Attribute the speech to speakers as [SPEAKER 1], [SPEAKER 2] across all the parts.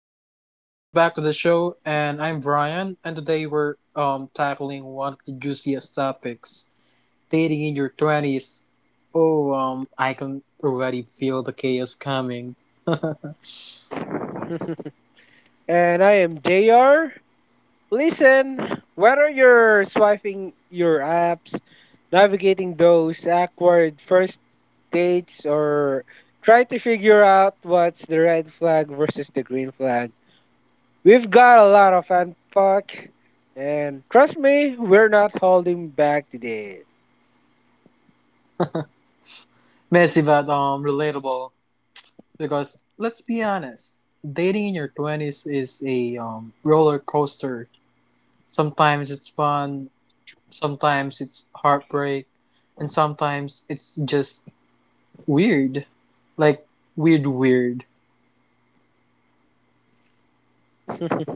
[SPEAKER 1] everyone, welcome back to the show, and I'm Brian, and today we're tackling one of the juiciest topics: dating in your twenties. Oh, I can already feel the chaos coming.
[SPEAKER 2] And I am JR. Listen, whether you're swiping your apps, navigating those awkward first dates, or trying to figure out what's the red flag versus the green flag, we've got a lot of unpack. And trust me, we're not holding back today.
[SPEAKER 1] Messy but relatable, because let's be honest, dating in your twenties is a roller coaster. Sometimes it's fun, sometimes it's heartbreak, and sometimes it's just weird, like weird.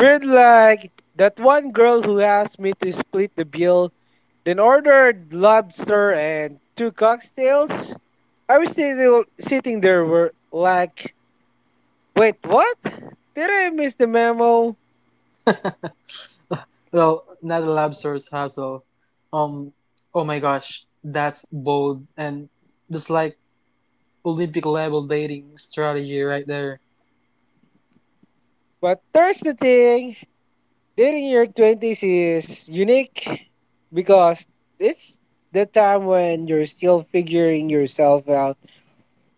[SPEAKER 2] Weird like that one girl who asked me to split the bill, then ordered lobster and two cocktails. I was still sitting there were like, wait, what? Did I miss the memo?
[SPEAKER 1] Well, not a lab source hassle. Um, oh my gosh, that's bold and just like Olympic level dating strategy right there.
[SPEAKER 2] But there's the thing, dating your 20s is unique because it's the time when you're still figuring yourself out,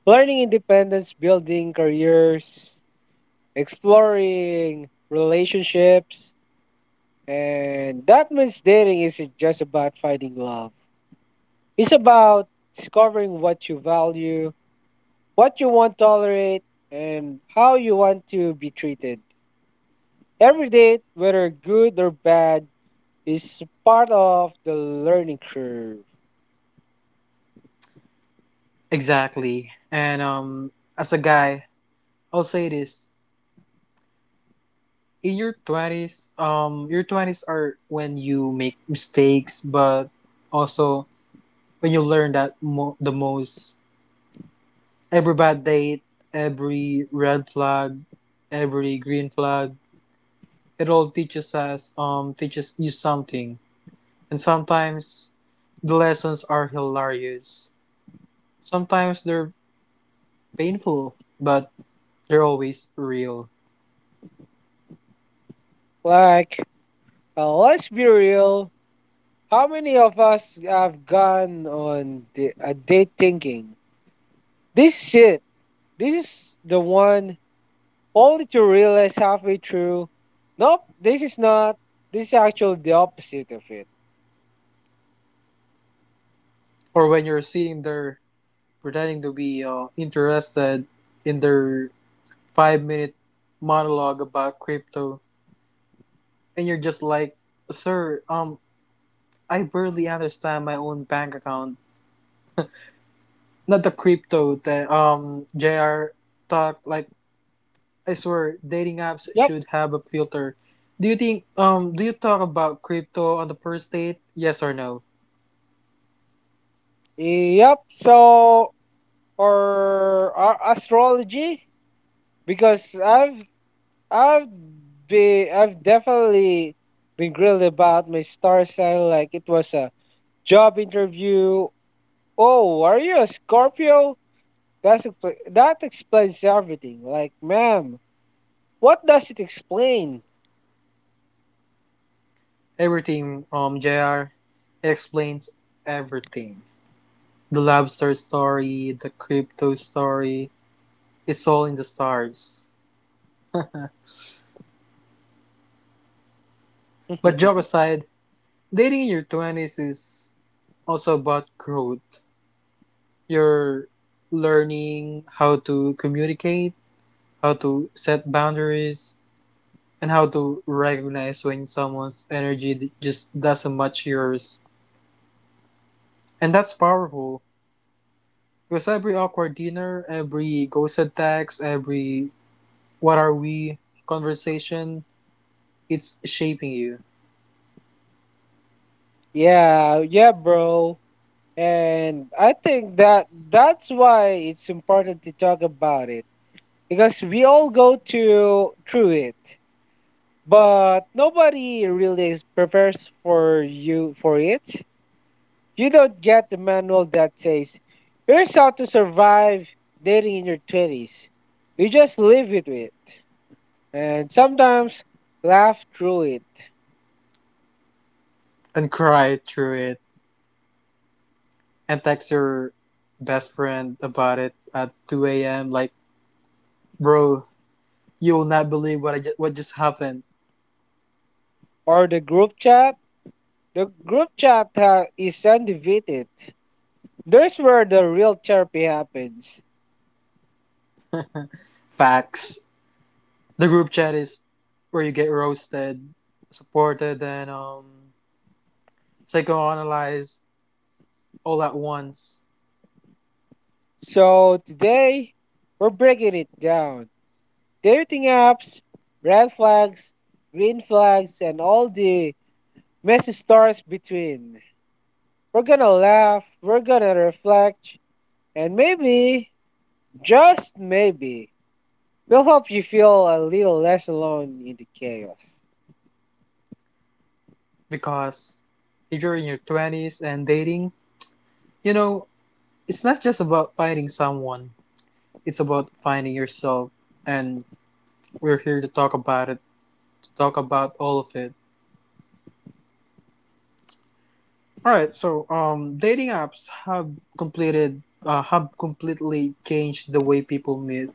[SPEAKER 2] learning independence, building careers, exploring relationships, and that means dating isn't just about finding love. It's about discovering what you value, what you want to tolerate, and how you want to be treated. Every date, whether good or bad, is part of the learning curve.
[SPEAKER 1] Exactly. And as a guy, I'll say this: in your twenties are when you make mistakes, but also when you learn the most. Every bad date, every red flag, every green flag, it all teaches you something. And sometimes the lessons are hilarious. Sometimes they're painful, but they're always real.
[SPEAKER 2] Like, let's be real. How many of us have gone on a date thinking, this is it? This is the one, only to realize halfway through, nope, this is not. This is actually the opposite of it.
[SPEAKER 1] Or when you're sitting there pretending to be interested in their 5 minute monologue about crypto, and you're just like, sir, I barely understand my own bank account. Not the crypto that JR talked like. I swear, dating apps
[SPEAKER 2] Yep.
[SPEAKER 1] should have a filter. Do you think do you talk about crypto on the first date? Yes or no?
[SPEAKER 2] Yep. So for our astrology, because I've I've definitely been grilled about my star sign like it was a job interview. Oh, are you a Scorpio? That explains everything. Like, ma'am, what does it explain?
[SPEAKER 1] Everything, JR, it explains everything. The lobster story, the crypto story, it's all in the stars. But joke aside, dating in your twenties is also about growth. You're learning how to communicate, how to set boundaries, and how to recognize when someone's energy just doesn't match yours. And that's powerful, because every awkward dinner, every ghosted text, every "what are we" conversation, it's shaping you.
[SPEAKER 2] Yeah, yeah, bro, and I think that's why it's important to talk about it because we all go to through it, but nobody really is prepares for you for it. You don't get the manual that says, "Here's how to survive dating in your twenties. You just live it with, and sometimes laugh through it,
[SPEAKER 1] And cry through it, and text your best friend about it at 2 a.m. Like, bro, you will not believe what what just happened.
[SPEAKER 2] or the group chat. The group chat is undefeated. There's where the real therapy happens.
[SPEAKER 1] Facts. The group chat is where you get roasted, supported, and psychoanalyzed all at once.
[SPEAKER 2] So today, we're breaking it down. Dating apps, red flags, green flags, and all the messy stars between. We're gonna laugh, we're gonna reflect, and maybe, just maybe, we'll help you feel a little less alone in the chaos.
[SPEAKER 1] Because if you're in your 20s and dating, you know, it's not just about finding someone, it's about finding yourself. And we're here to talk about it, to talk about all of it. All right, so dating apps have have completely changed the way people meet.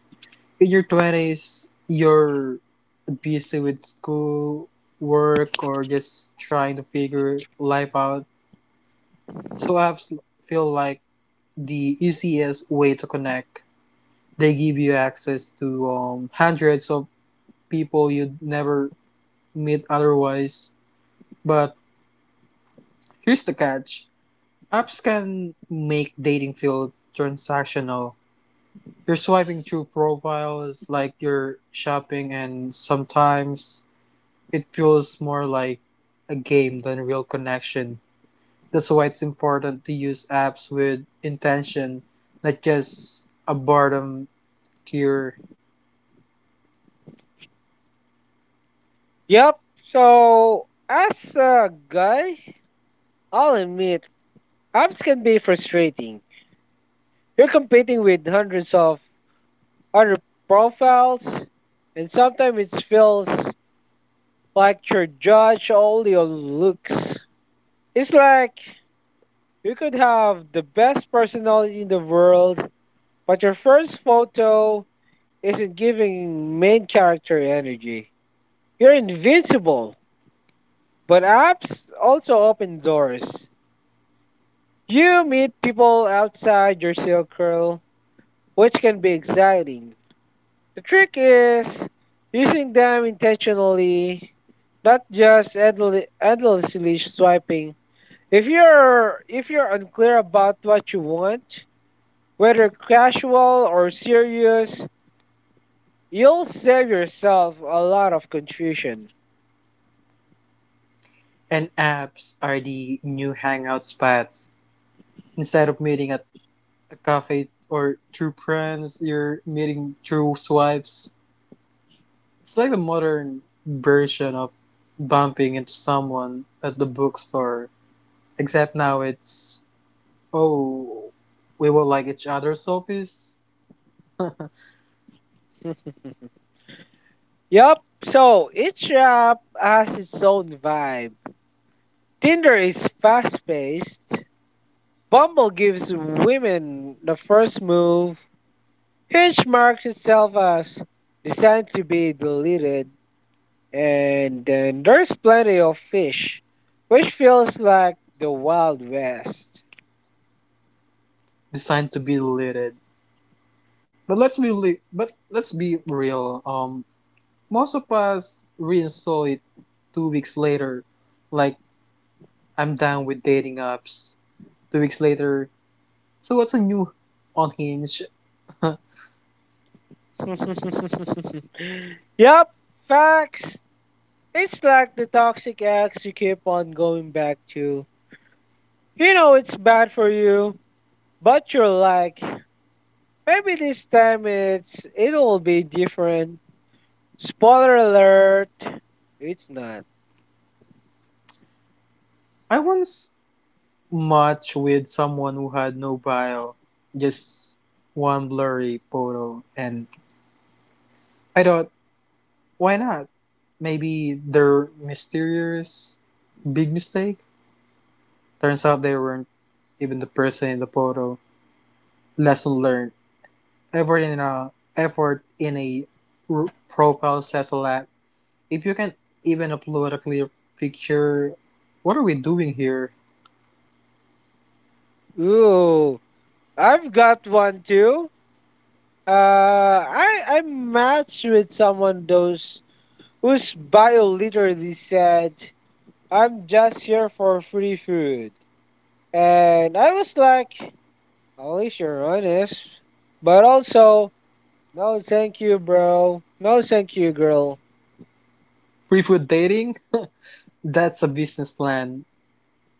[SPEAKER 1] In your 20s, you're busy with school, work, or just trying to figure life out. So apps feel like the easiest way to connect. They give you access to hundreds of people you'd never meet otherwise. But here's the catch: apps can make dating feel transactional. You're swiping through profiles like you're shopping, and sometimes it feels more like a game than a real connection. That's why it's important to use apps with intention, not just a boredom cure.
[SPEAKER 2] Yep, so as a guy, I'll admit, apps can be frustrating. You're competing with hundreds of other profiles, and sometimes it feels like you're judged only on looks. It's like you could have the best personality in the world, but your first photo isn't giving main character energy. You're invincible, but apps also open doors. You meet people outside your circle, which can be exciting. The trick is using them intentionally, not just endlessly swiping. If you're unclear about what you want, whether casual or serious, you'll save yourself a lot of confusion.
[SPEAKER 1] And apps are the new hangout spots. Instead of meeting at a cafe or through friends, you're meeting through swipes. It's like the modern version of bumping into someone at the bookstore, except now it's, oh, we will like each other's selfies,
[SPEAKER 2] Yup. So each app has its own vibe. Tinder is fast paced. Bumble gives women the first move. Hinge marks itself as designed to be deleted, and then there's plenty of fish, which feels like the Wild West.
[SPEAKER 1] designed to be deleted. But let's be real. Most of us reinstall it 2 weeks later. Like, I'm done with dating apps. 2 weeks later, so what's a new on Hinge? I
[SPEAKER 2] Yup, facts. It's like the toxic ex you keep on going back to. You know it's bad for you, but you're like, maybe this time it'll be different. Spoiler alert, it's not.
[SPEAKER 1] once matched with someone who had no bio, just one blurry photo, and I thought, why not? Maybe their mysterious big mistake? Turns out they weren't even the person in the photo. Lesson learned. Effort in a profile says a lot. If you can even upload a clear picture, what are we doing here?
[SPEAKER 2] Ooh. I've got one too. I matched with someone those whose bio literally said, "I'm just here for free food," and I was like, "At least you're honest," but also, "No, thank you, bro. No, thank you, girl."
[SPEAKER 1] Pre-food dating? That's a business plan,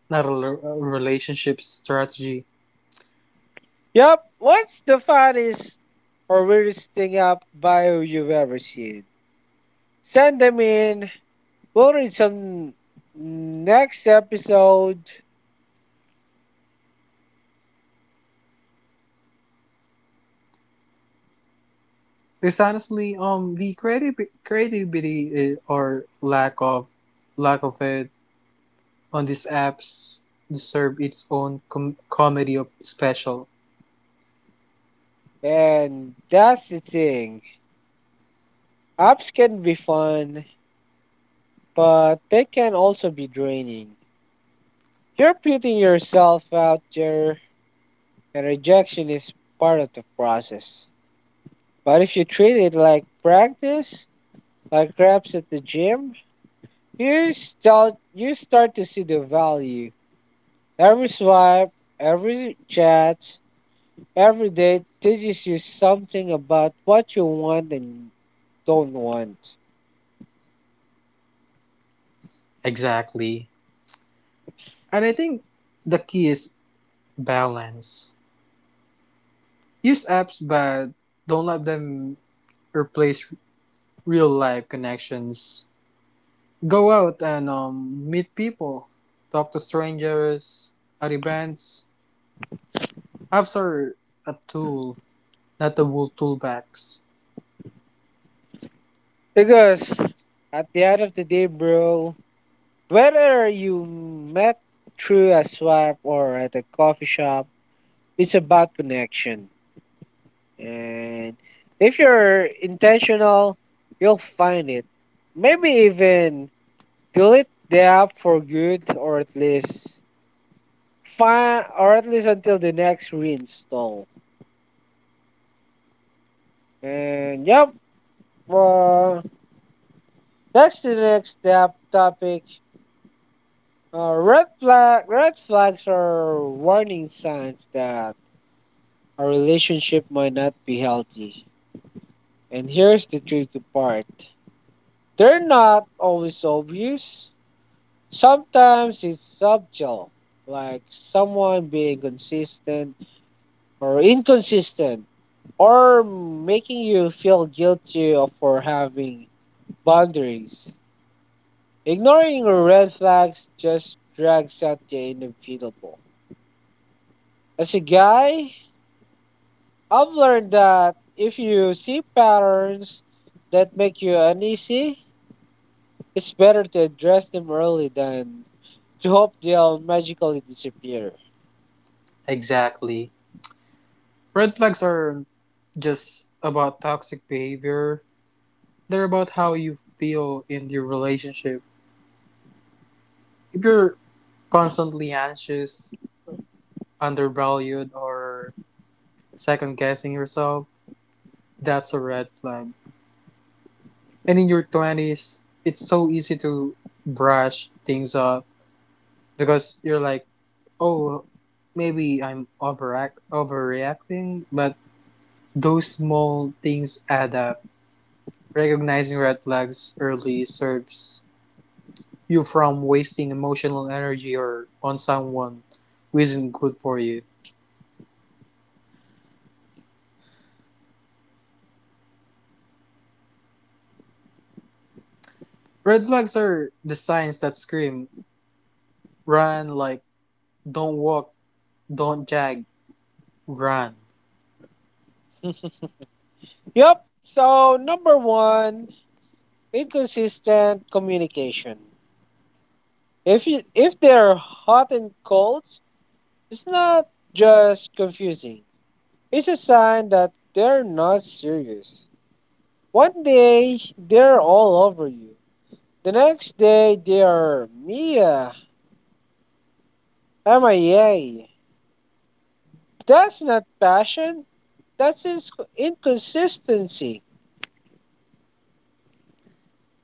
[SPEAKER 1] not a relationship strategy.
[SPEAKER 2] Yup. What's the funniest or weirdest thing up bio you've ever seen? Send them in. We'll read some next episode.
[SPEAKER 1] Because honestly, the creative creativity, or lack of it on these apps deserve its own comedy of special.
[SPEAKER 2] And that's the thing. Apps can be fun, but they can also be draining. You're putting yourself out there, and rejection is part of the process. But if you treat it like practice, like reps at the gym, you start to see the value. Every swipe, every chat, every date teaches you something about what you want and don't want.
[SPEAKER 1] Exactly, and I think the key is balance. Use apps, but don't let them replace real life connections. Go out and, meet people, talk to strangers at events. Apps are a tool, not the wool toolbox.
[SPEAKER 2] Because at the end of the day, bro, whether you met through a swap or at a coffee shop, it's about connection. And if you're intentional, you'll find it. Maybe even delete the app for good, or at least find or at least until the next reinstall. And yep, uh, next to the next step topic. Red flags are warning signs that a relationship might not be healthy. And here's the tricky part: they're not always obvious. Sometimes it's subtle, like someone being consistent or inconsistent, or making you feel guilty for having boundaries. Ignoring red flags just drags out the inevitable. As a guy, I've learned that if you see patterns that make you uneasy, it's better to address them early than to hope they'll magically disappear.
[SPEAKER 1] Exactly. Red flags are just about toxic behavior. They're about how you feel in your relationship. If you're constantly anxious, undervalued, or second guessing yourself, that's a red flag. And in your 20s, it's so easy to brush things off, because you're like, oh, maybe I'm overreacting, but those small things add up. Recognizing red flags early serves you from wasting emotional energy or on someone who isn't good for you. Red flags are the signs that scream, run, like, don't walk, don't jag, run.
[SPEAKER 2] Yup. So number one, inconsistent communication. If they're hot and cold, it's not just confusing. It's a sign that they're not serious. One day they're all over you. The next day they are MIA. That's not passion. That's inconsistency.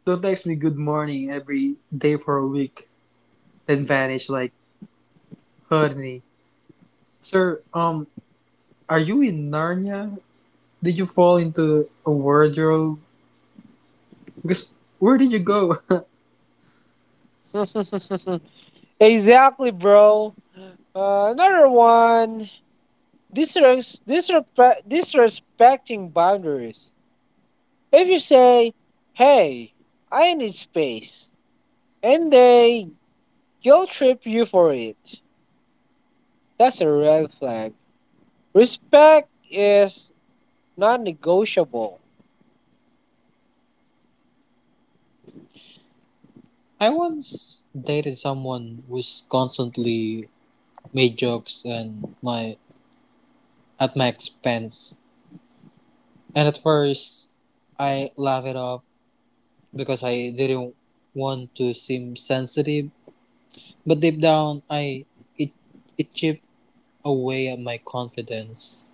[SPEAKER 1] Don't text me good morning every day for a week, then vanish like, honey. Sir, are you in Narnia? Did you fall into a wardrobe? Because where did you go?
[SPEAKER 2] Exactly, bro. Another one. Disrespecting boundaries. If you say, hey, I need space, and they guilt trip you for it, that's a red flag. Respect is non negotiable.
[SPEAKER 1] I once dated someone who's constantly made jokes and my at my expense. And at first, I laughed it off because I didn't want to seem sensitive. But deep down, I it it chipped away at my confidence.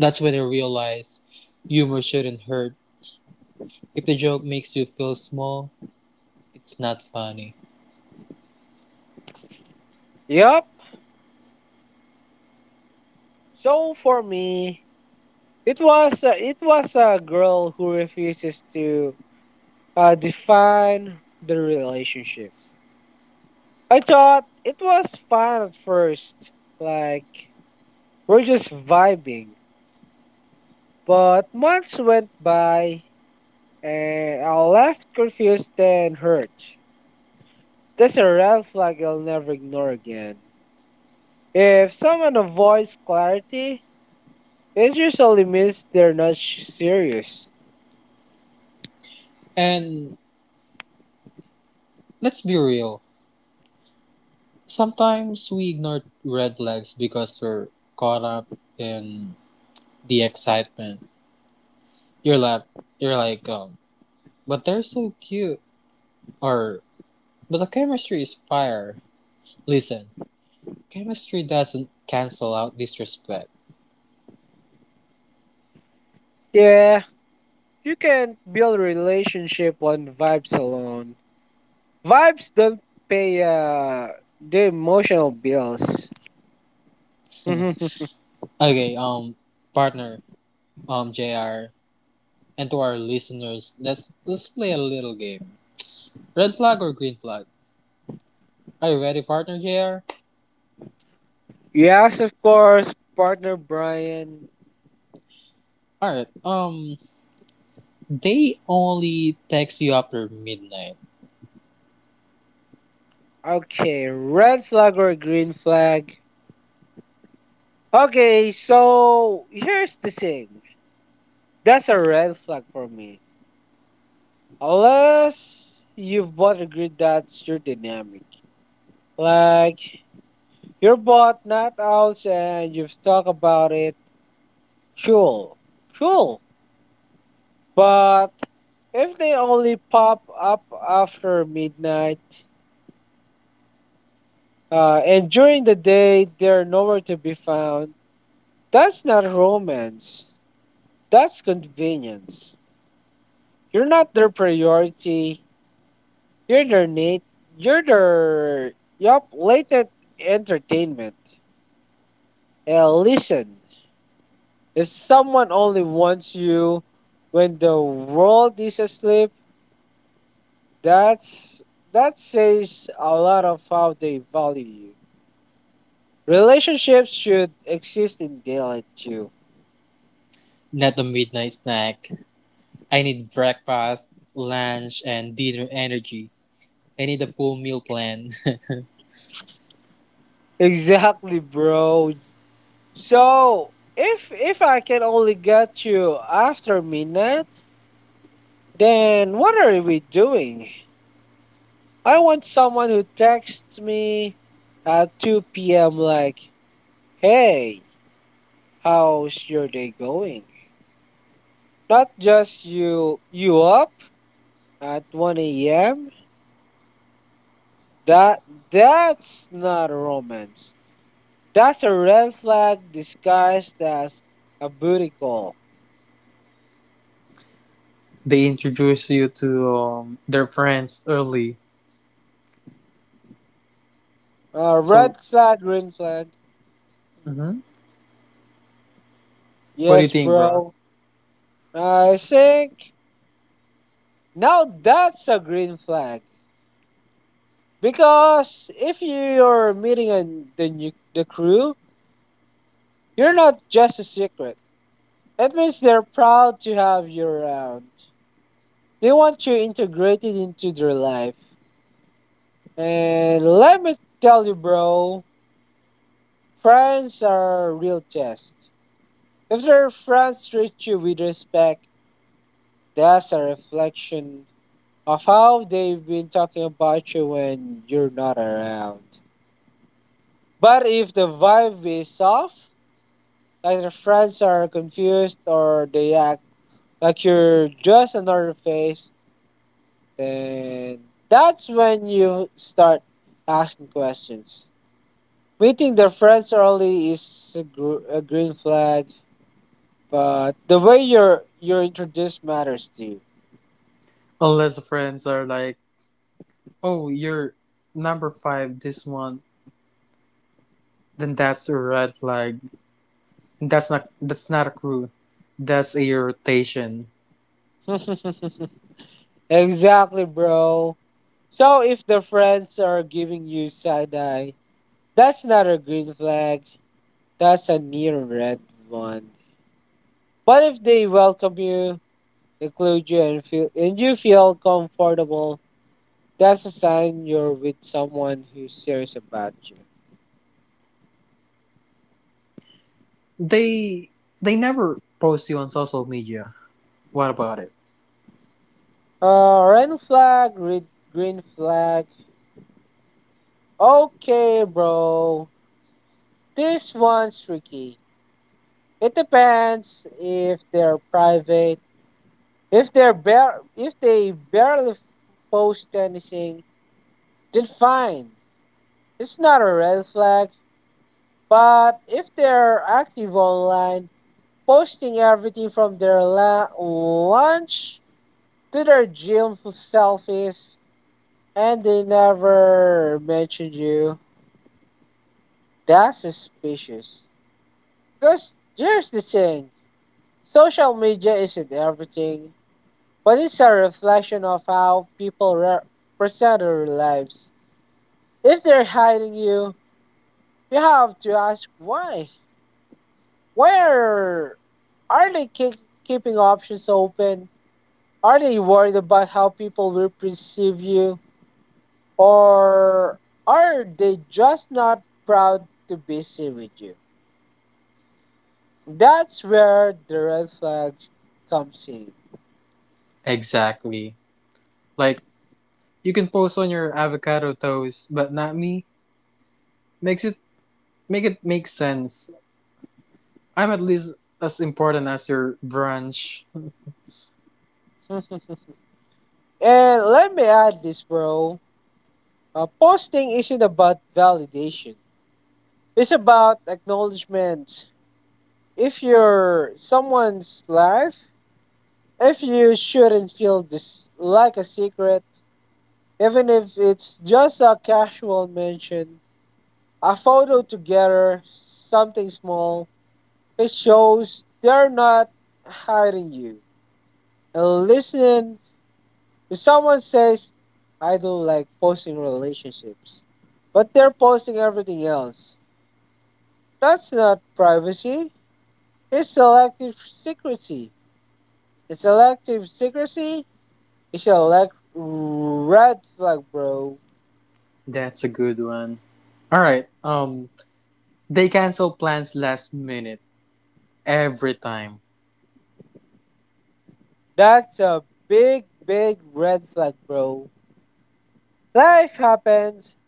[SPEAKER 1] That's when I realized humor shouldn't hurt. If the joke makes you feel small, it's not funny.
[SPEAKER 2] Yup. So for me, it was a girl who refuses to define the relationship. I thought it was fun at first, like we're just vibing. But months went by, and I left confused and hurt. That's a red flag I'll never ignore again. If someone avoids clarity, it usually means they're not serious.
[SPEAKER 1] And let's be real. Sometimes we ignore red flags because we're caught up in the excitement. You're like, you're like, but they're so cute, or but the chemistry is fire. Listen, chemistry doesn't cancel out disrespect.
[SPEAKER 2] Yeah, you can't build a relationship on vibes alone. Vibes don't pay the emotional bills.
[SPEAKER 1] Okay, partner, Jr. And to our listeners, let's play a little game. Red flag or green flag? Are you ready, partner, Jr.?
[SPEAKER 2] Yes, of course, partner Brian.
[SPEAKER 1] All right. They only text you after midnight.
[SPEAKER 2] Okay, red flag or green flag? Okay, so here's the thing. That's a red flag for me. Unless you've both agreed that's your dynamic. Like, you're both not out and you've talked about it. Cool, cool. But if they only pop up after midnight, and during the day they're nowhere to be found, that's not romance. That's convenience. You're not their priority. You're their need. You're their yup latent entertainment. Listen, if someone only wants you when the world is asleep, that's that says a lot of how they value you. Relationships should exist in daylight too.
[SPEAKER 1] Not a midnight snack. I need breakfast, lunch, and dinner energy. I need a full meal plan.
[SPEAKER 2] Exactly, bro. So, if I can only get you after midnight, then what are we doing? I want someone who texts me at 2 p.m. like, "Hey, how's your day going?" Not just you up at 1 a.m. That that's not romance. That's a red flag disguised as a booty call.
[SPEAKER 1] They introduce you to, their friends early.
[SPEAKER 2] Red
[SPEAKER 1] So,
[SPEAKER 2] flag, green flag.
[SPEAKER 1] mhm. What do you
[SPEAKER 2] Yes,
[SPEAKER 1] think, bro?
[SPEAKER 2] bro. I think now that's a green flag because if you're meeting the crew, you're not just a secret. That means they're proud to have you around. They want you integrated into their life. And let me tell you, bro, friends are a real test. If their friends treat you with respect, that's a reflection of how they've been talking about you when you're not around. But if the vibe is off, like their friends are confused or they act like you're just another face, then that's when you start asking questions. Meeting their friends early is a green flag, but the way you're introduced matters too.
[SPEAKER 1] Unless the friends are like, oh, you're number five this month, then that's a red flag. That's not a crew. That's a irritation.
[SPEAKER 2] Exactly, bro. So if the friends are giving you side eye, that's not a green flag. That's a near red one. But if they welcome you, include you, and you feel comfortable, that's a sign you're with someone who's serious about you.
[SPEAKER 1] They they never post you on social media. What about it?
[SPEAKER 2] Red flag, green flag. Okay, bro. This one's tricky. It depends if they're private. If they barely post anything, then fine. It's not a red flag. But if they're active online, posting everything from their lunch to their gym selfies, and they never mention you, that's suspicious. Because here's the thing: social media isn't everything, but it's a reflection of how people re- present their lives. If they're hiding you, you have to ask why. Where are keeping options open? Are they worried about how people will perceive you? Or are they just not proud to be seen with you? That's where the red flags comes in.
[SPEAKER 1] Exactly. Like, you can post on your avocado toast, but not me. Makes it make sense. I'm at least as important as your brunch.
[SPEAKER 2] And let me add this, bro. Posting isn't about validation. It's about acknowledgement. If you're someone's life, if you shouldn't feel this like a secret, even if it's just a casual mention, a photo together, something small, it shows they're not hiding you. And listening, if someone says, I don't like posting relationships, but they're posting everything else, that's not privacy. It's selective secrecy. It's selective secrecy. It's a like red flag, bro.
[SPEAKER 1] That's a good one. All right. They cancel plans last minute every time.
[SPEAKER 2] That's a big, big red flag, bro. Life happens,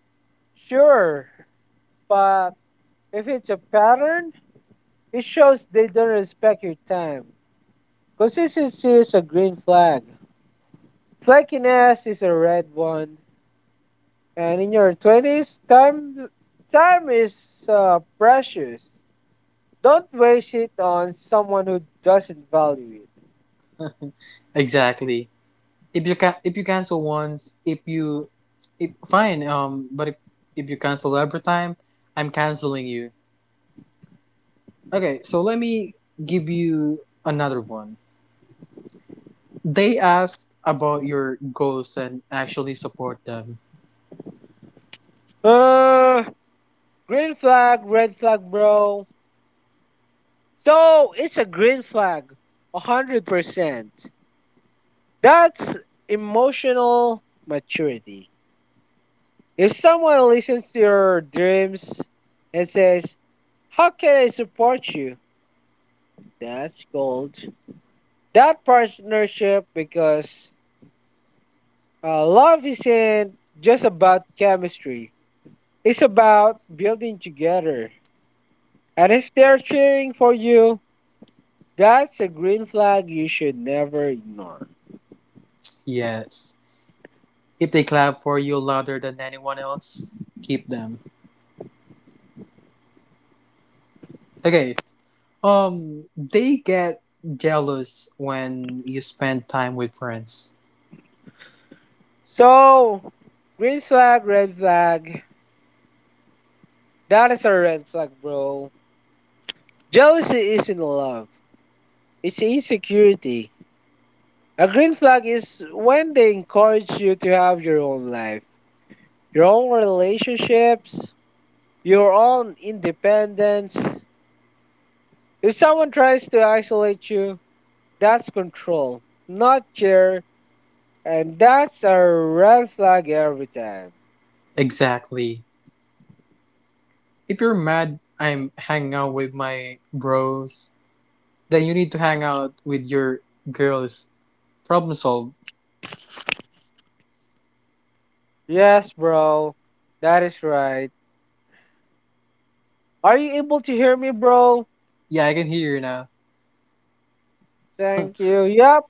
[SPEAKER 2] sure, but if it's a pattern, it shows they don't respect your time. Consistency is a green flag, flakiness is a red one, and in your 20s, time is precious. Don't waste it on someone who doesn't value it.
[SPEAKER 1] Exactly. If you cancel once, if fine. But if you cancel every time, I'm canceling you. Okay. So let me give you another one. They ask about your goals and actually support them.
[SPEAKER 2] Uh, green flag, red flag, bro. So it's a green flag, 100%. That's emotional maturity. If someone listens to your dreams and says, "How can I support you?" That's gold. That partnership, because love isn't just about chemistry. It's about building together. And if they're cheering for you, that's a green flag you should never ignore.
[SPEAKER 1] Yes. If they clap for you louder than anyone else, keep them. Okay. They get jealous when you spend time with friends.
[SPEAKER 2] So, green flag, red flag. That is a red flag, bro. Jealousy isn't love, it's insecurity. A green flag is when they encourage you to have your own life, your own relationships, your own independence. If someone tries to isolate you, that's control, not care, and that's a red flag every time.
[SPEAKER 1] Exactly. If you're mad I'm hanging out with my bros, then you need to hang out with your girls. Problem solved.
[SPEAKER 2] Yes, bro. That is right. Are you able to hear me, bro?
[SPEAKER 1] Yeah, I can hear you now.
[SPEAKER 2] Thank you. Yep.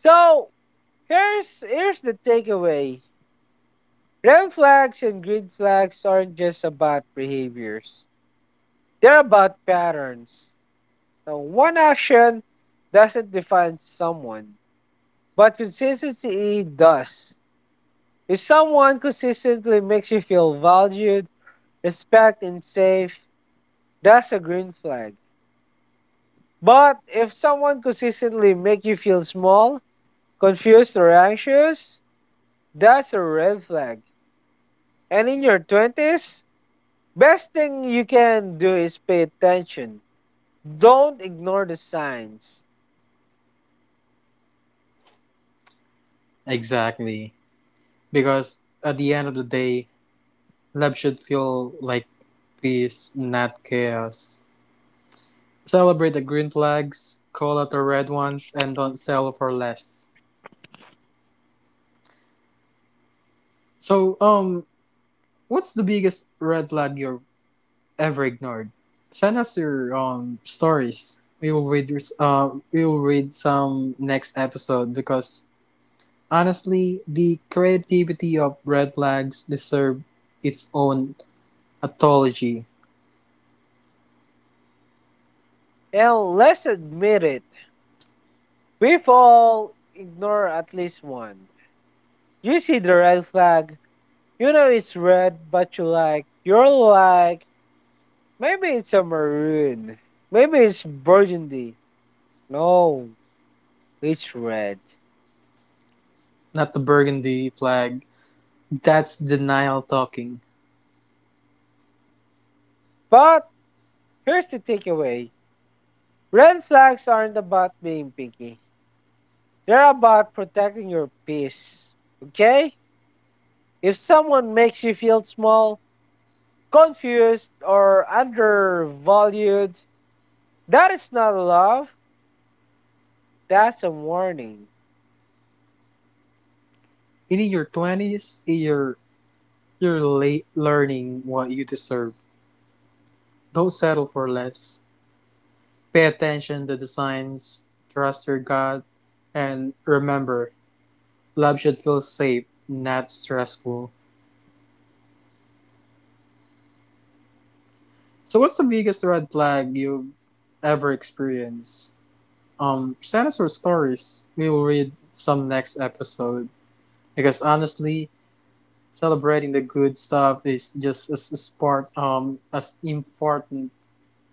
[SPEAKER 2] So here's the takeaway. Red flags and green flags aren't just about behaviors. They're about patterns. So one action doesn't define someone, but consistency does. If someone consistently makes you feel valued, respected, and safe, that's a green flag. But if someone consistently makes you feel small, confused, or anxious, that's a red flag. And in your 20s, best thing you can do is pay attention. Don't ignore the signs.
[SPEAKER 1] Exactly. Because at the end of the day, love should feel like peace, not chaos. Celebrate the green flags, call out the red ones, and don't settle for less. So, what's the biggest red flag you've ever ignored? Send us your stories. We will read some next episode, because honestly, the creativity of red flags deserve its own anthology,
[SPEAKER 2] And let's admit it, we've all ignored at least one. You see the red flag, you know it's red, but you like, you're like, maybe it's a maroon, maybe it's burgundy. No, it's red.
[SPEAKER 1] not the burgundy flag. That's denial talking.
[SPEAKER 2] But here's the takeaway, red flags aren't about being picky. They're about protecting your peace. Okay? If someone makes you feel small, confused, or undervalued, that is not love. That's a warning.
[SPEAKER 1] In your 20s, you're late learning what you deserve. Don't settle for less. Pay attention to the signs, trust your gut, and remember, love should feel safe, not stressful. So what's the biggest red flag you've ever experienced? Send us your stories, we will read some next episode, because honestly, celebrating the good stuff is just as part as important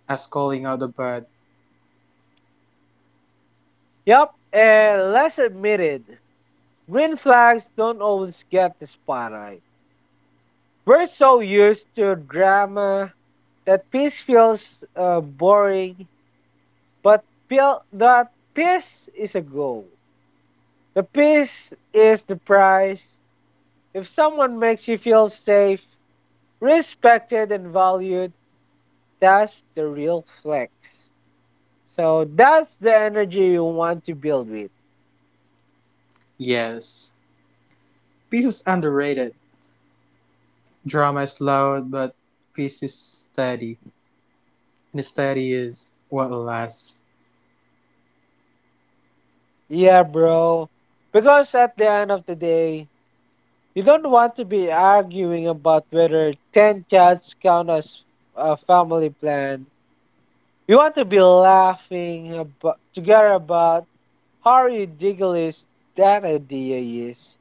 [SPEAKER 1] as calling out the bad.
[SPEAKER 2] Yup, and let's admit it. Green flags don't always get the spotlight. We're so used to drama that peace feels boring, but feel that peace is a goal. The peace is the prize. If someone makes you feel safe, respected, and valued, that's the real flex. So that's the energy you want to build with.
[SPEAKER 1] Yes. Peace is underrated. Drama is loud, but peace is steady. And steady is what lasts.
[SPEAKER 2] Yeah, bro. Because at the end of the day, you don't want to be arguing about whether 10 cats count as a family plan. You want to be laughing about, together about how ridiculous that idea is.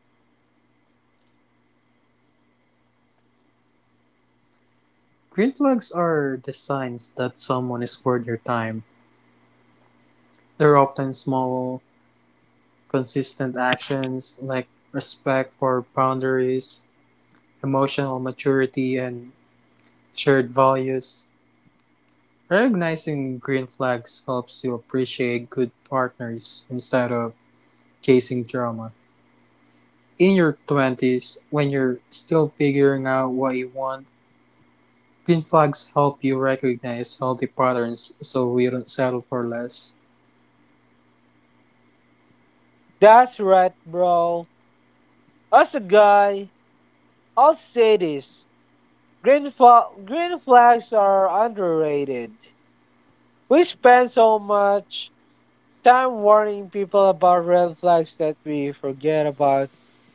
[SPEAKER 1] Green flags are the signs that someone is worth your time. They're often small, consistent actions like respect for boundaries, emotional maturity, and shared values. Recognizing green flags helps you appreciate good partners instead of chasing drama. In your 20s, when you're still figuring out what you want, green flags help you recognize healthy patterns so you don't settle for less.
[SPEAKER 2] That's right, bro. As a guy, I'll say this. Green flags are underrated. We spend so much time warning people about red flags that we forget about.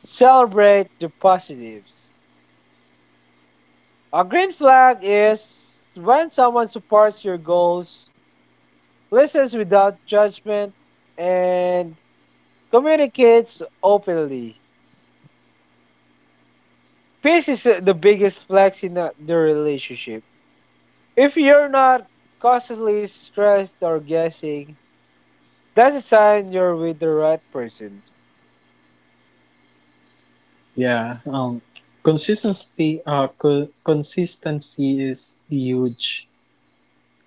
[SPEAKER 2] Celebrate the positives. A green flag is when someone supports your goals, listens without judgment, and communicates openly. Peace is the biggest flex in the relationship. If you're not constantly stressed or guessing, that's a sign you're with the right person.
[SPEAKER 1] Yeah, consistency, consistency is huge.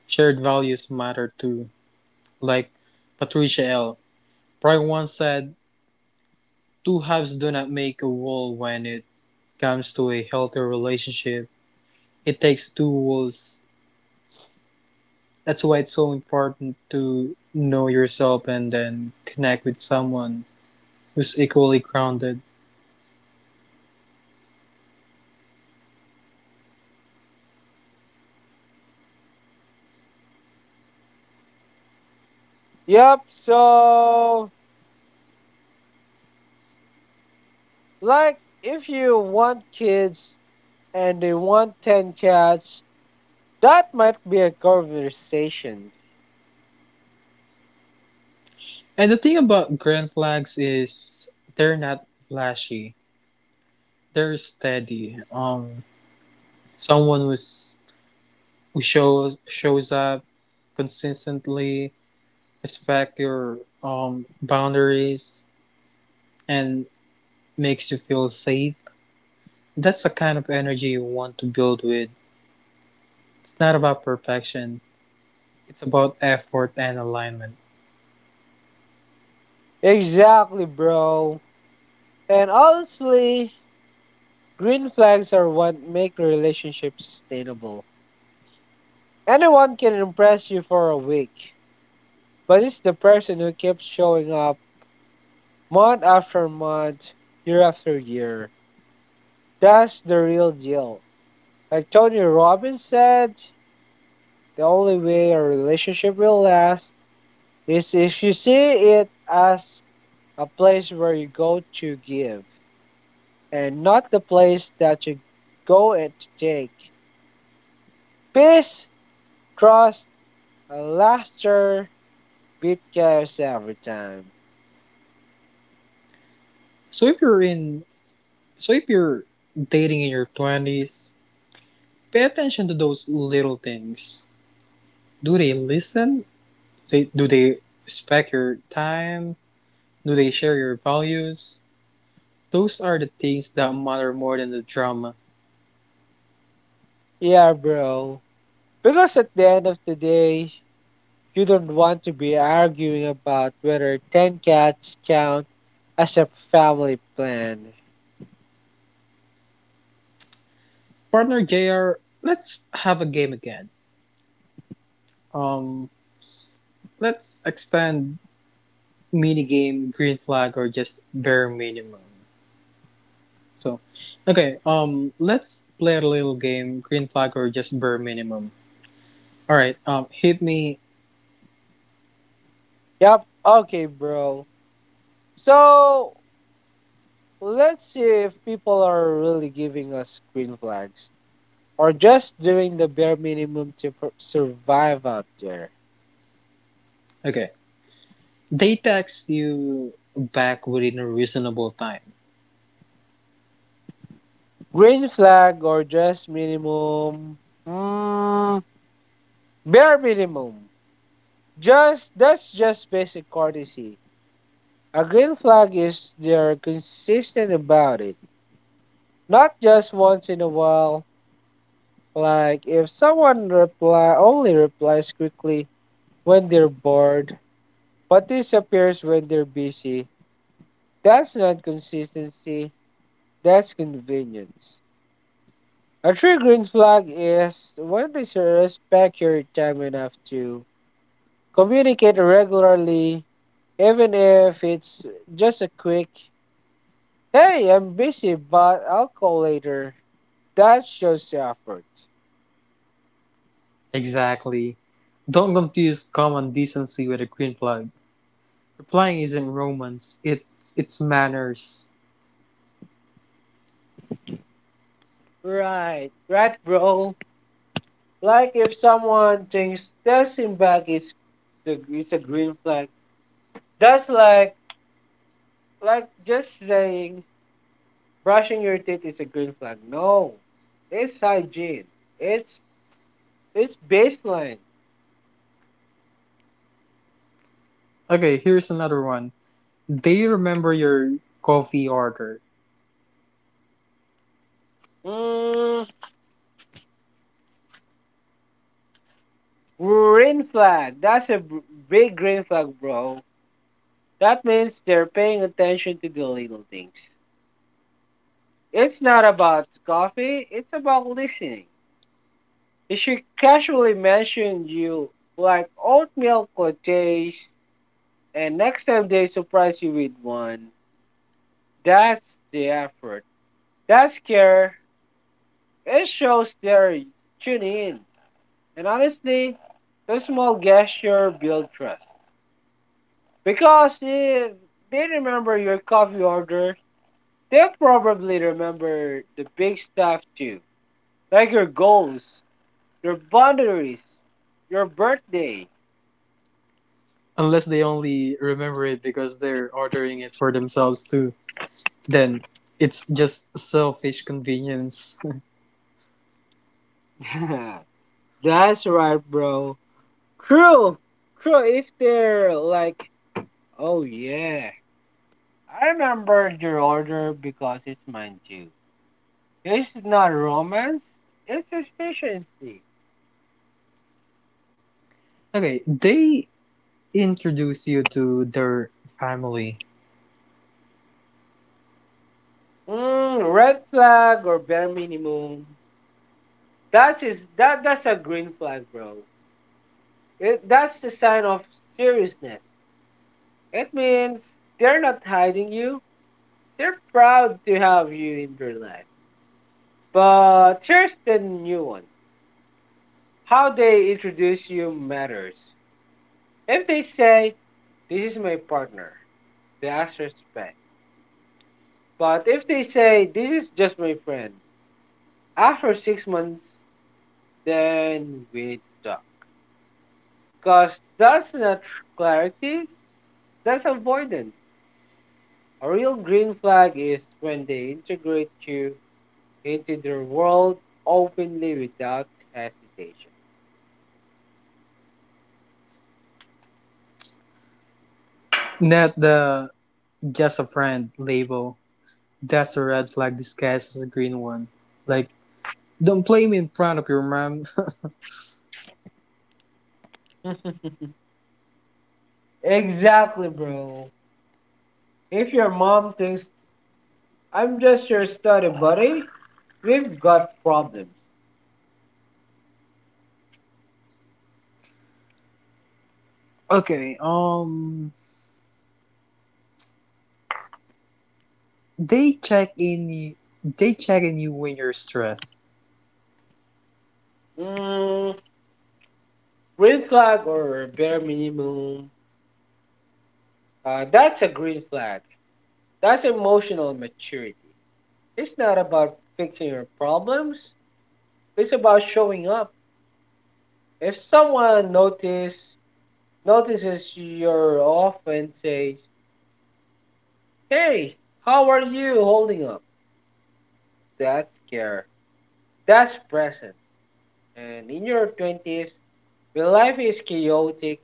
[SPEAKER 1] Shared values matter too. Like Patricia L. Pry once said, two halves do not make a whole when it comes to a healthy relationship. It takes two wolves. That's why it's so important to know yourself and then connect with someone who's equally grounded.
[SPEAKER 2] Yup, so like if you want kids and they want 10 cats, that might be a conversation.
[SPEAKER 1] And the thing about grand flags is they're not flashy. They're steady. Someone who shows up consistently, respect your boundaries, and makes you feel safe. That's the kind of energy you want to build with. It's not about perfection. It's about effort and alignment.
[SPEAKER 2] Exactly, bro. And honestly, green flags are what make the relationship sustainable. Anyone can impress you for a week, but it's the person who keeps showing up month after month, year after year. That's the real deal. Like Tony Robbins said, the only way a relationship will last is if you see it as a place where you go to give and not the place that you go and to take. Peace, trust, and laughter beat chaos every time.
[SPEAKER 1] So if you're in, so if you're dating in your twenties, pay attention to those little things. Do they listen? They do they respect your time? Do they share your values? Those are the things that matter more than the drama.
[SPEAKER 2] Yeah, bro. Because at the end of the day, you don't want to be arguing about whether 10 cats count as a family plan.
[SPEAKER 1] Partner JR, let's have a game again. Um, let's expand minigame green flag or just bare minimum. So, okay, let's play a little game, green flag or just bare minimum. All right. Hit me.
[SPEAKER 2] Yep, okay, bro. So, let's see if people are really giving us green flags or just doing the bare minimum to survive out there.
[SPEAKER 1] Okay. They text you back within a reasonable time.
[SPEAKER 2] Green flag or just minimum? Mm, bare minimum. Just that's just basic courtesy. A green flag is they're consistent about it, not just once in a while. Like if someone reply only replies quickly when they're bored, but disappears when they're busy. That's not consistency. That's convenience. A true green flag is when they respect your time enough to communicate regularly, even if it's just a quick, "Hey, I'm busy, but I'll call later." That shows effort.
[SPEAKER 1] Exactly. Don't confuse common decency with a green flag. Replying isn't romance. It's manners.
[SPEAKER 2] Right, bro. Like if someone thinks texting back is the is a green flag, that's like just saying brushing your teeth is a green flag. No, it's hygiene. It's it's baseline.
[SPEAKER 1] Okay. Here's another one. They remember your coffee order,
[SPEAKER 2] Mm, green flag. That's a big green flag, bro. That means they're paying attention to the little things. It's not about coffee. It's about listening. If she casually mentioned you like oatmeal lattes and next time they surprise you with one, that's the effort. That's care. It shows they're tuning in. And honestly, the small gesture build trust. Because if they remember your coffee order, they'll probably remember the big stuff too. Like your goals, your boundaries, your birthday.
[SPEAKER 1] unless they only remember it because they're ordering it for themselves too. Then it's just selfish convenience.
[SPEAKER 2] That's right, bro. True. True. If they're like, "Oh yeah, I remembered your order because it's mine too." It's not romance, it's efficiency.
[SPEAKER 1] Okay. They introduce you to their family.
[SPEAKER 2] Mm, red flag or bare minimum. That that's a green flag, bro. It, that's the sign of seriousness. It means they're not hiding you. They're proud to have you in their life. But here's the new one. How they introduce you matters. If they say, "This is my partner," the answer is respect. But if they say, "This is just my friend," after six months, then we talk. Because that's not clarity, that's avoidance. A real green flag is when they integrate you into their world openly without hesitation.
[SPEAKER 1] Not the "just a friend" label, that's a red flag disguised as a green one. Like, don't play me in front of your mom.
[SPEAKER 2] Exactly, bro. If your mom thinks I'm just your study buddy, we've got problems.
[SPEAKER 1] Okay, they they check in you when you're stressed.
[SPEAKER 2] Mm, green flag or bare minimum? That's a green flag. That's emotional maturity. It's not about fixing your problems. It's about showing up. If someone notices you're off and says, "Hey, how are you holding up?" That's care. That's present. And in your twenties, when life is chaotic,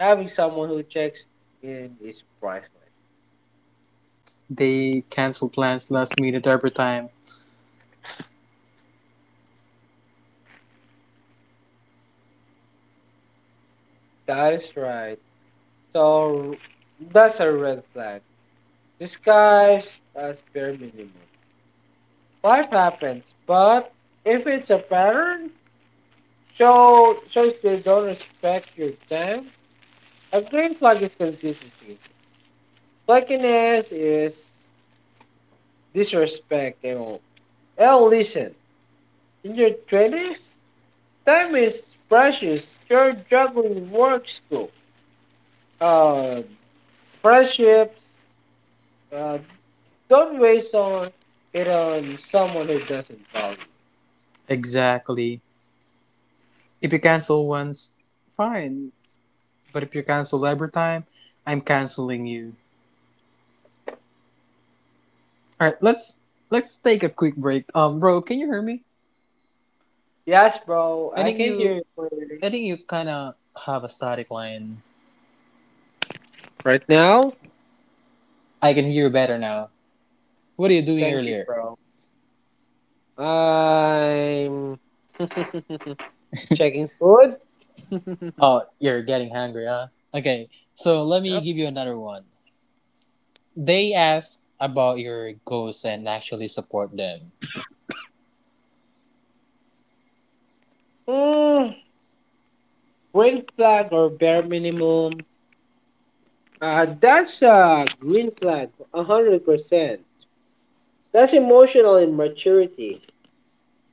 [SPEAKER 2] having someone who checks in is priceless.
[SPEAKER 1] They cancel plans last minute every time.
[SPEAKER 2] That is right. So that's a red flag disguised as bare minimum. Life happens, but if it's a pattern, shows they don't respect your time. A green flag is consistency. Flakiness is disrespect. L. L. Listen, in your twenties, time is precious. You're juggling work, school, uh, friendships. Uh, don't waste on it on someone who doesn't value.
[SPEAKER 1] Exactly. If you cancel once, fine. But if you cancel every time, I'm canceling you. All right, let's take a quick break. Bro, can you hear me?
[SPEAKER 2] Yes, bro.
[SPEAKER 1] I
[SPEAKER 2] I
[SPEAKER 1] think
[SPEAKER 2] can hear
[SPEAKER 1] you
[SPEAKER 2] you clearly.
[SPEAKER 1] I think you kind of have a static line.
[SPEAKER 2] Right now?
[SPEAKER 1] I can hear you better now. What are you doing
[SPEAKER 2] Thank you,
[SPEAKER 1] earlier?
[SPEAKER 2] bro. I'm checking food. Yep.
[SPEAKER 1] Oh, you're getting hungry, huh? Okay, so let me give you another one. They ask about your goals and actually support them.
[SPEAKER 2] Mm, green flag or bare minimum? That's a green flag, 100%. That's emotional immaturity.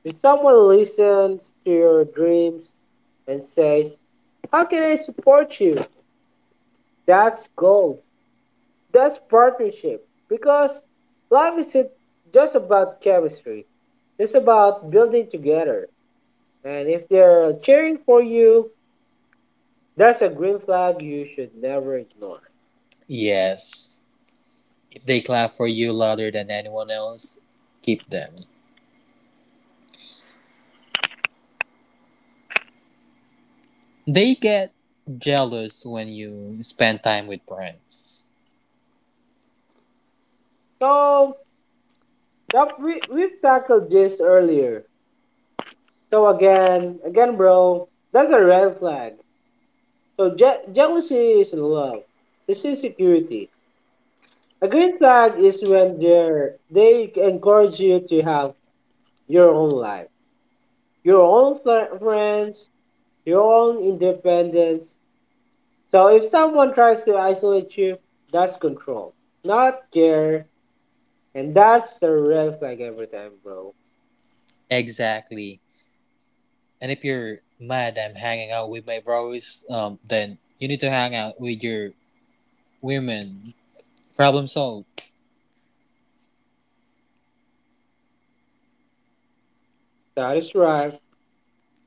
[SPEAKER 2] If someone listens to your dreams and says, "How can I support you?" That's gold. That's partnership because life isn't just about chemistry. It's about building together. And if they're cheering for you, that's a green flag you should never ignore.
[SPEAKER 1] Yes. If they clap for you louder than anyone else, keep them. They get jealous when you spend time with friends.
[SPEAKER 2] So that we've tackled this earlier. So again, bro, that's a red flag. So jealousy is love. It's insecurity. A green flag is when they encourage you to have your own life, your own friends, your own independence. So if someone tries to isolate you, that's control, not care. And that's the red flag every time, bro.
[SPEAKER 1] Exactly. And if you're mad I'm hanging out with my bros, then you need to hang out with your women, problem solved.
[SPEAKER 2] That is right.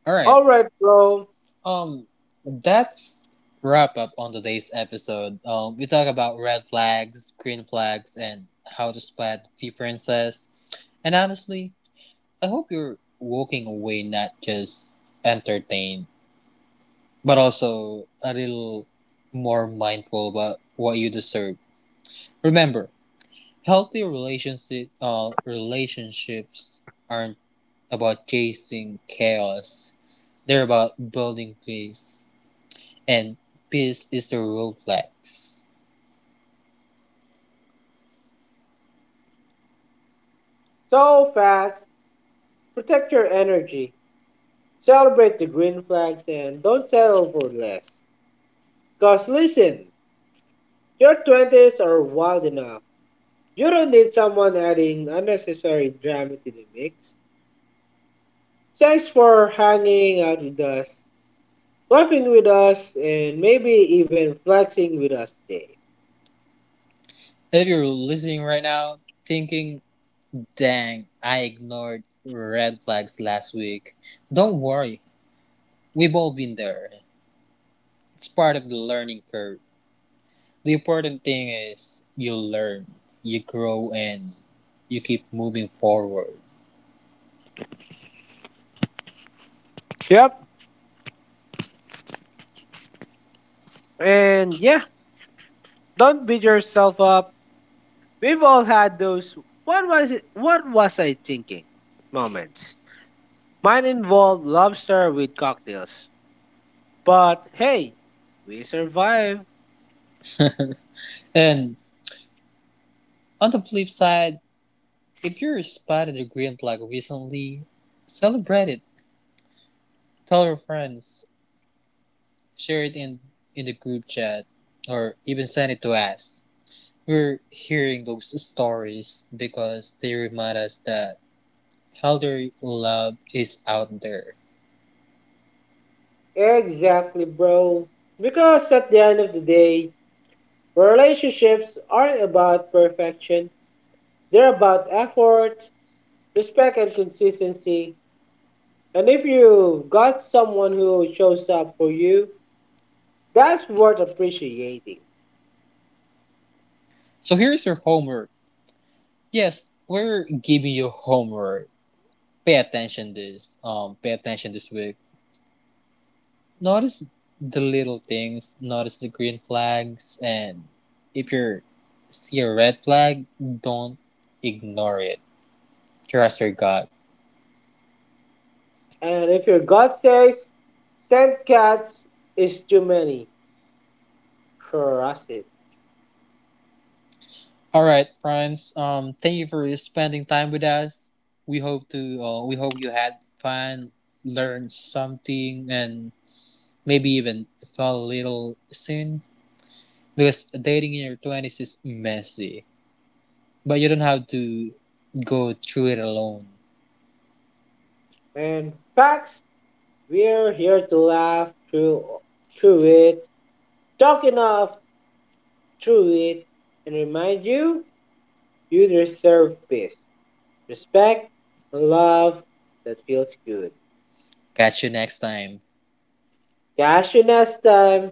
[SPEAKER 1] All right.
[SPEAKER 2] All right, bro.
[SPEAKER 1] Um, that's wrap up on today's episode. We talk about red flags, green flags, and how to spot the differences. And honestly, I hope you're walking away not just entertained, but also a little more mindful about what you deserve. Remember, healthy relationship relationships aren't about chasing chaos. They're about building peace. And peace is the real flex.
[SPEAKER 2] So facts. Protect your energy. Celebrate the green flags and don't settle for less. Cause listen, your twenties are wild enough. You don't need someone adding unnecessary drama to the mix. Thanks for hanging out with us, laughing with us, and maybe even flexing with us today.
[SPEAKER 1] If you're listening right now, thinking, dang, I ignored red flags last week, don't worry. We've all been there. It's part of the learning curve. The important thing is you learn, you grow, and you keep moving forward.
[SPEAKER 2] Yep. And yeah, don't beat yourself up. We've all had those "what was it, what was I thinking" moments. Mine involved lobster with cocktails. But hey, we survived.
[SPEAKER 1] And on the flip side, if you were spotted a green flag recently, celebrate it. Tell your friends, share it in the group chat, or even send it to us. We're hearing those stories because they remind us that elder love is out there.
[SPEAKER 2] Exactly, bro. Because at the end of the day, relationships aren't about perfection, they're about effort, respect, and consistency. And if you got someone who shows up for you, that's worth appreciating.
[SPEAKER 1] So here's your homework. Yes, we're giving you homework. Pay attention this week. Notice the little things, notice the green flags, and if you see a red flag, don't ignore it. Trust your gut.
[SPEAKER 2] And if your gut says 10 cats is too many, trust it.
[SPEAKER 1] All right, friends. Thank you for spending time with us. We hope to. We hope you had fun, learned something, and maybe even felt a little soon. Because dating in your twenties is messy, but you don't have to go through it alone.
[SPEAKER 2] And facts, we're here to laugh through it, talk enough through it, and remind you you deserve peace, respect, and love that feels good.
[SPEAKER 1] Catch you next time.
[SPEAKER 2] Cash in next time.